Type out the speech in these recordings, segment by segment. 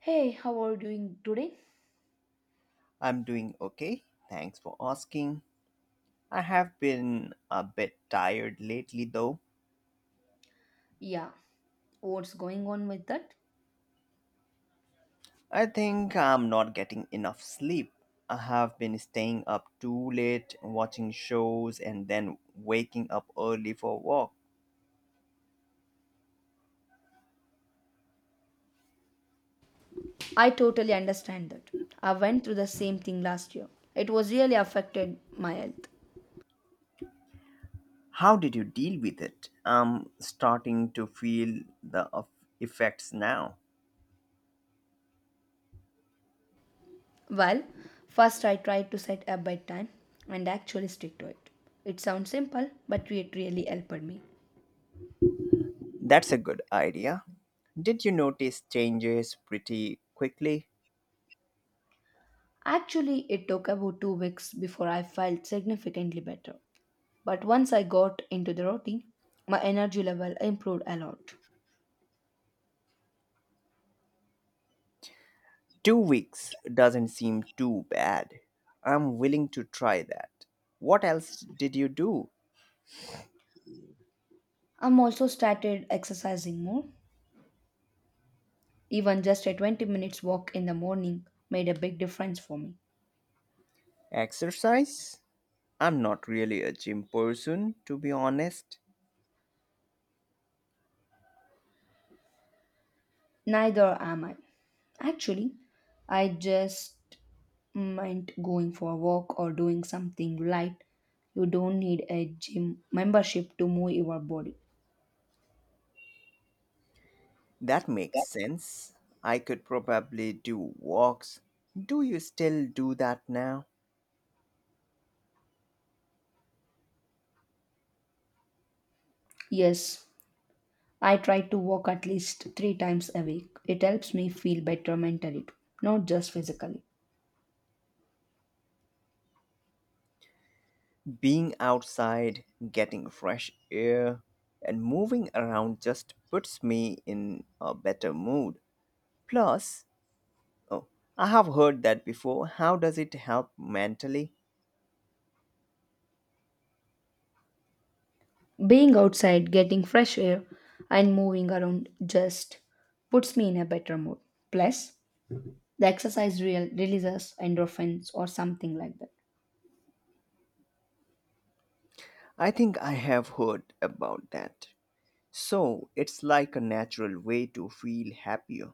Hey, how are you doing today? I'm doing okay. Thanks for asking. I have been a bit tired lately though. Yeah, what's going on with that? I think I'm not getting enough sleep. I have been staying up too late, watching shows, and then waking up early for a walk. I totally understand that. I went through the same thing last year. It was really affected my health. How did you deal with it? I'm starting to feel the effects now. Well, first I tried to set a bedtime and actually stick to it. It sounds simple, but it really helped me. That's a good idea. Did you notice changes pretty quickly? Actually, it took about 2 weeks before I felt significantly better. But once I got into the routine, my energy level improved a lot. 2 weeks doesn't seem too bad. I'm willing to try that. What else did you do? I'm also started exercising more. Even just a 20 minutes walk in the morning made a big difference for me. Exercise? I'm not really a gym person, to be honest. Neither am I. Actually, I just meant going for a walk or doing something light. You don't need a gym membership to move your body. That makes sense. I could probably do walks. Do you still do that now? Yes, I try to walk at least three times a week. It helps me feel better mentally, too, not just physically. Being outside, getting fresh air, and moving around just puts me in a better mood. Plus, Oh, I have heard that before. How does it help mentally? Being outside, getting fresh air, and moving around just puts me in a better mood. Plus, the exercise real releases endorphins or something like that. I think I have heard about that. So, it's like a natural way to feel happier.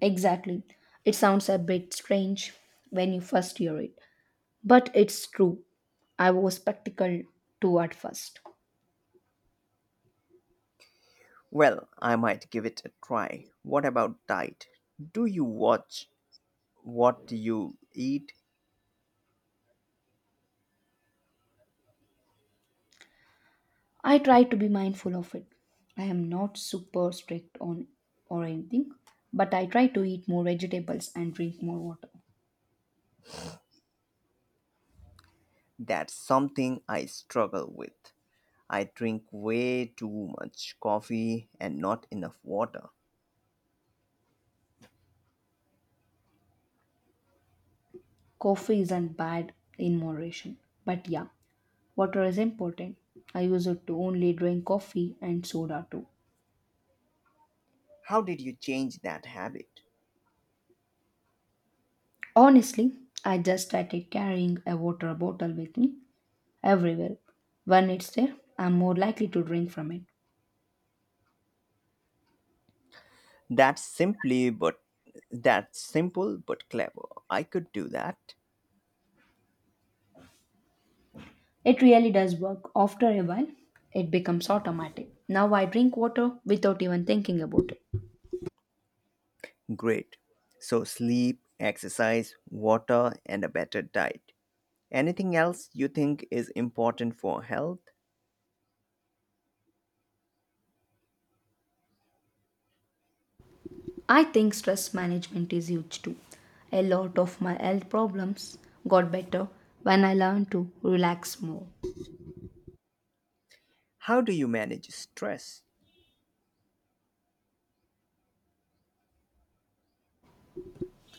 Exactly. It sounds a bit strange when you first hear it, but it's true. I was spectacled too at first. Well, I might give it a try. What about diet? Do you watch what you eat? I try to be mindful of it. I am not super strict on or anything, but I try to eat more vegetables and drink more water. That's something I struggle with. I drink way too much coffee and not enough water. Coffee isn't bad in moderation, but yeah, water is important. I used to only drink coffee and soda too. How did you change that habit? Honestly, I just started carrying a water bottle with me everywhere. When it's there, I'm more likely to drink from it. That's simply but that's simple but clever. I could do that. It really does work. After a while, it becomes automatic. Now I drink water without even thinking about it. Great. So sleep, exercise, water and a better diet. Anything else you think is important for health? I think stress management is huge too. A lot of my health problems got better when I learned to relax more. How do you manage stress?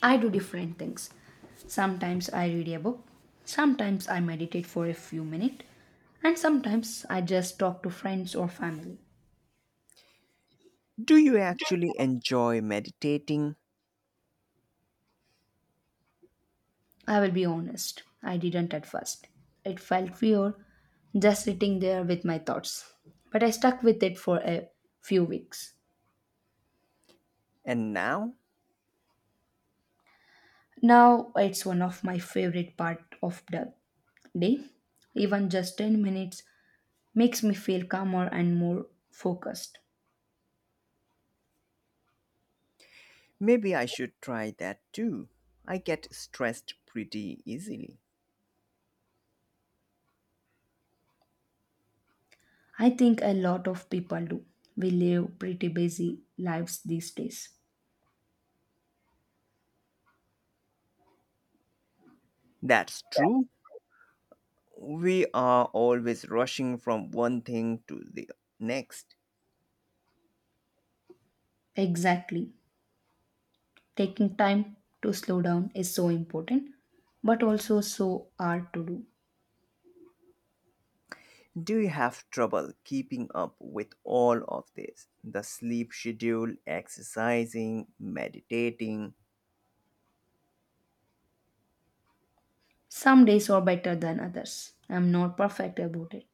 I do different things. Sometimes I read a book, sometimes I meditate for a few minutes, and sometimes I just talk to friends or family. Do you actually enjoy meditating? I will be honest, I didn't at first. It felt weird just sitting there with my thoughts, but I stuck with it for a few weeks. And now? Now it's one of my favorite part of the day. Even just 10 minutes makes me feel calmer and more focused. Maybe I should try that too. I get stressed pretty easily. I think a lot of people do. We live pretty busy lives these days. That's true. We are always rushing from one thing to the next. Exactly. Taking time to slow down is so important, but also so hard to do. Do you have trouble keeping up with all of this? The sleep schedule, exercising, meditating. Some days are better than others. I'm not perfect about it.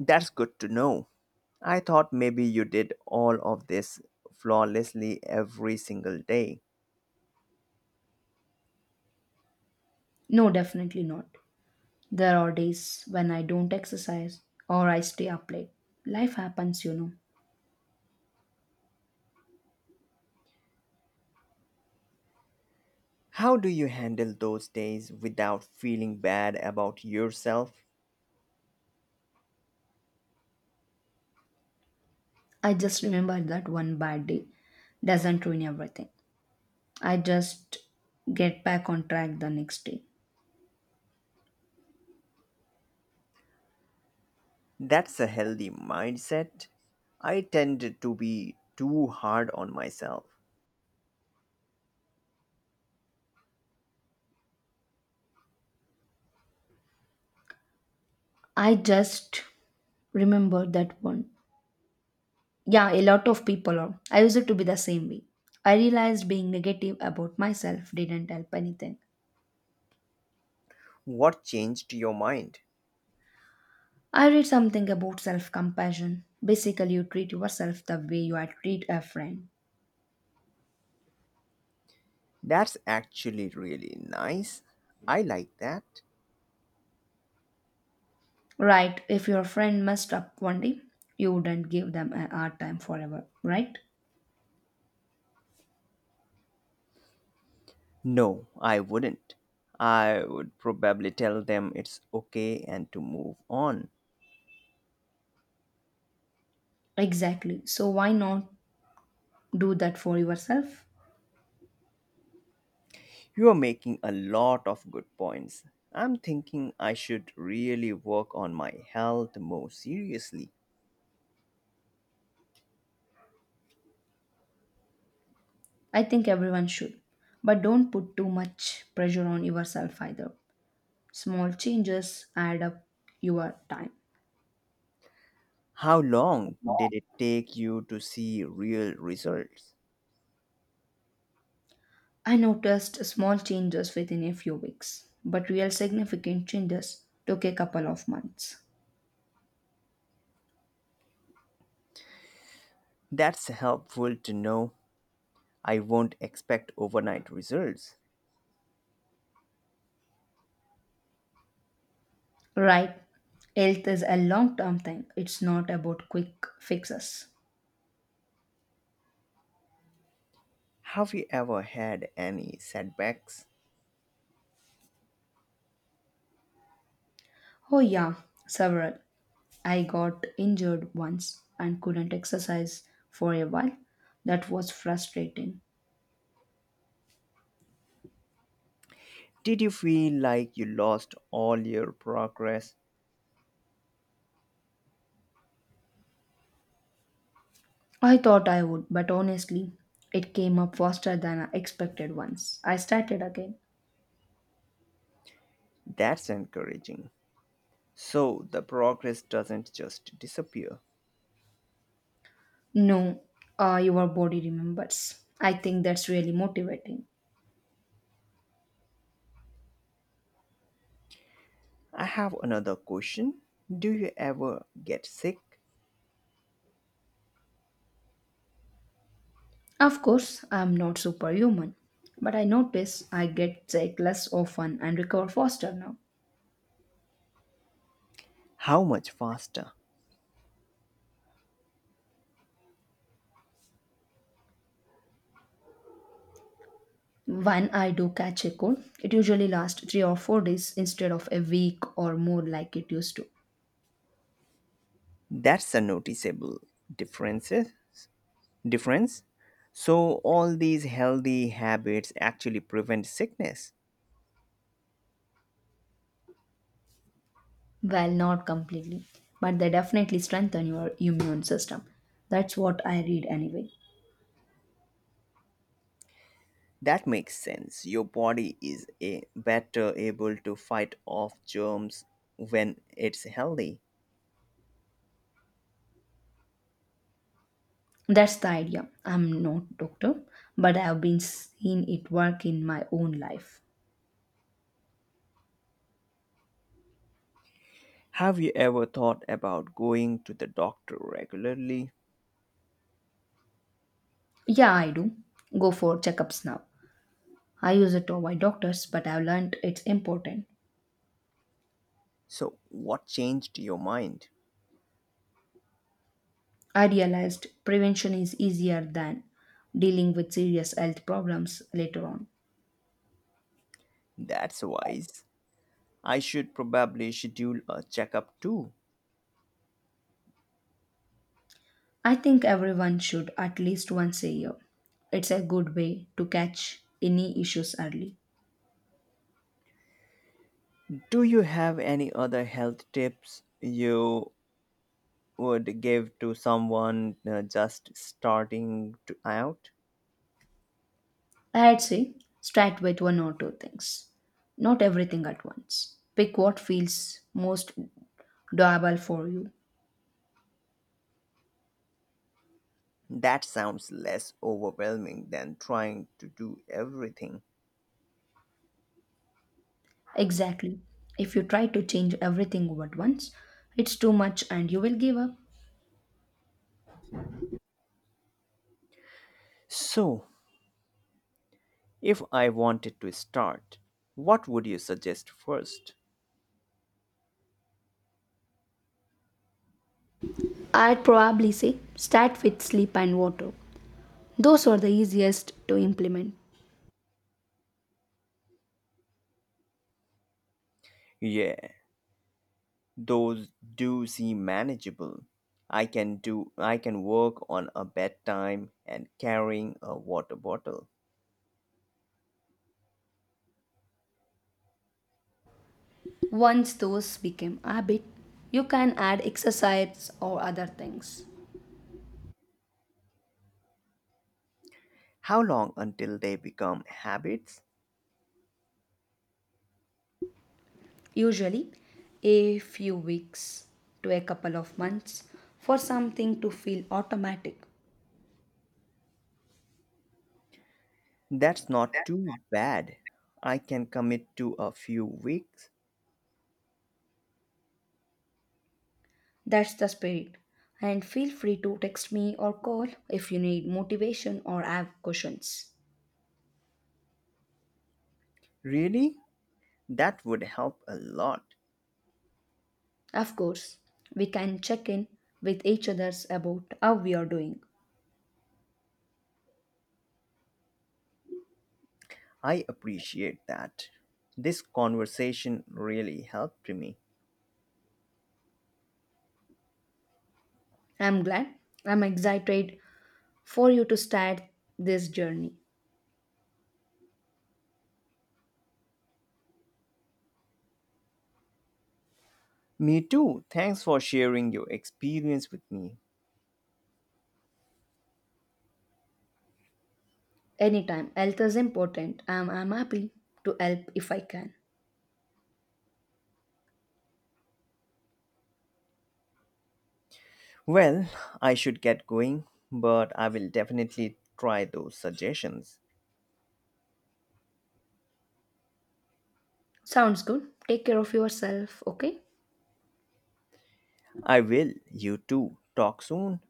That's good to know. I thought maybe you did all of this flawlessly every single day. No, definitely not. There are days when I don't exercise or I stay up late. Life happens, How do you handle those days without feeling bad about yourself? I just remember that one bad day doesn't ruin everything. I just get back on track the next day. That's a healthy mindset. I tend to be too hard on myself. I just remember that one. Yeah, a lot of people are. I used to be the same way. I realized being negative about myself didn't help anything. What changed your mind? I read something about self compassion. Basically, you treat yourself the way you would treat a friend. That's actually really nice. I like that. Right, if your friend messed up one day, you wouldn't give them a hard time forever, right? No, I wouldn't. I would probably tell them it's okay and to move on. Exactly. So, why not do that for yourself? You are making a lot of good points. I'm thinking I should really work on my health more seriously. I think everyone should. But don't put too much pressure on yourself either. Small changes add up your time. How long did it take you to see real results? I noticed small changes within a few weeks, but real significant changes took a couple of months. That's helpful to know. I won't expect overnight results. Right, health is a long term thing, it's not about quick fixes. Have you ever had any setbacks? Oh, yeah, several. I got injured once and couldn't exercise for a while. That was frustrating. Did you feel like you lost all your progress? I thought I would, but honestly, it came up faster than I expected once. I started again. That's encouraging. So, the progress doesn't just disappear. No, your body remembers. I think that's really motivating. I have another question. Do you ever get sick? Of course, I'm not superhuman, but I notice I get sick less often and recover faster now. How much faster? When I do catch a cold, it usually lasts 3 or 4 days instead of a week or more like it used to. That's a noticeable differences difference. So, all these healthy habits actually prevent sickness. Well, not completely, but they definitely strengthen your immune system. That's what I read anyway. That makes sense. Your body is a better able to fight off germs when it's healthy. That's the idea. I'm not doctor, but I've been seeing it work in my own life. Have you ever thought about going to the doctor regularly? Yeah, I do. Go for checkups now. I used to avoid doctors, but I've learned it's important. So, what changed your mind? I realized prevention is easier than dealing with serious health problems later on. That's wise. I should probably schedule a checkup too. I think everyone should at least once a year. It's a good way to catch any issues early. Do you have any other health tips you would give to someone just starting to out? I'd say start with one or two things, not everything at once. Pick what feels most doable for you. That sounds less overwhelming than trying to do everything. Exactly. If you try to change everything at once, it's too much and you will give up. So, if I wanted to start, what would you suggest first? I'd probably say start with sleep and water. Those are the easiest to implement. Yeah, those do seem manageable. I can work on a bedtime and carrying a water bottle. Once those become habit, you can add exercise or other things. How long until they become habits? Usually, a few weeks to a couple of months for something to feel automatic. That's not too bad. I can commit to a few weeks. That's the spirit. And feel free to text me or call if you need motivation or have questions. Really? That would help a lot. Of course, we can check in with each other's about how we are doing. I appreciate that. This conversation really helped me. I'm glad. I'm excited for you to start this journey. Me too. Thanks for sharing your experience with me. Anytime, health is important. I'm happy to help if I can. Well, I should get going, but I will definitely try those suggestions. Sounds good. Take care of yourself, okay? I will. You too. Talk soon.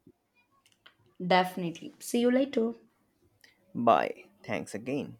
Definitely. See you later. Bye. Thanks again.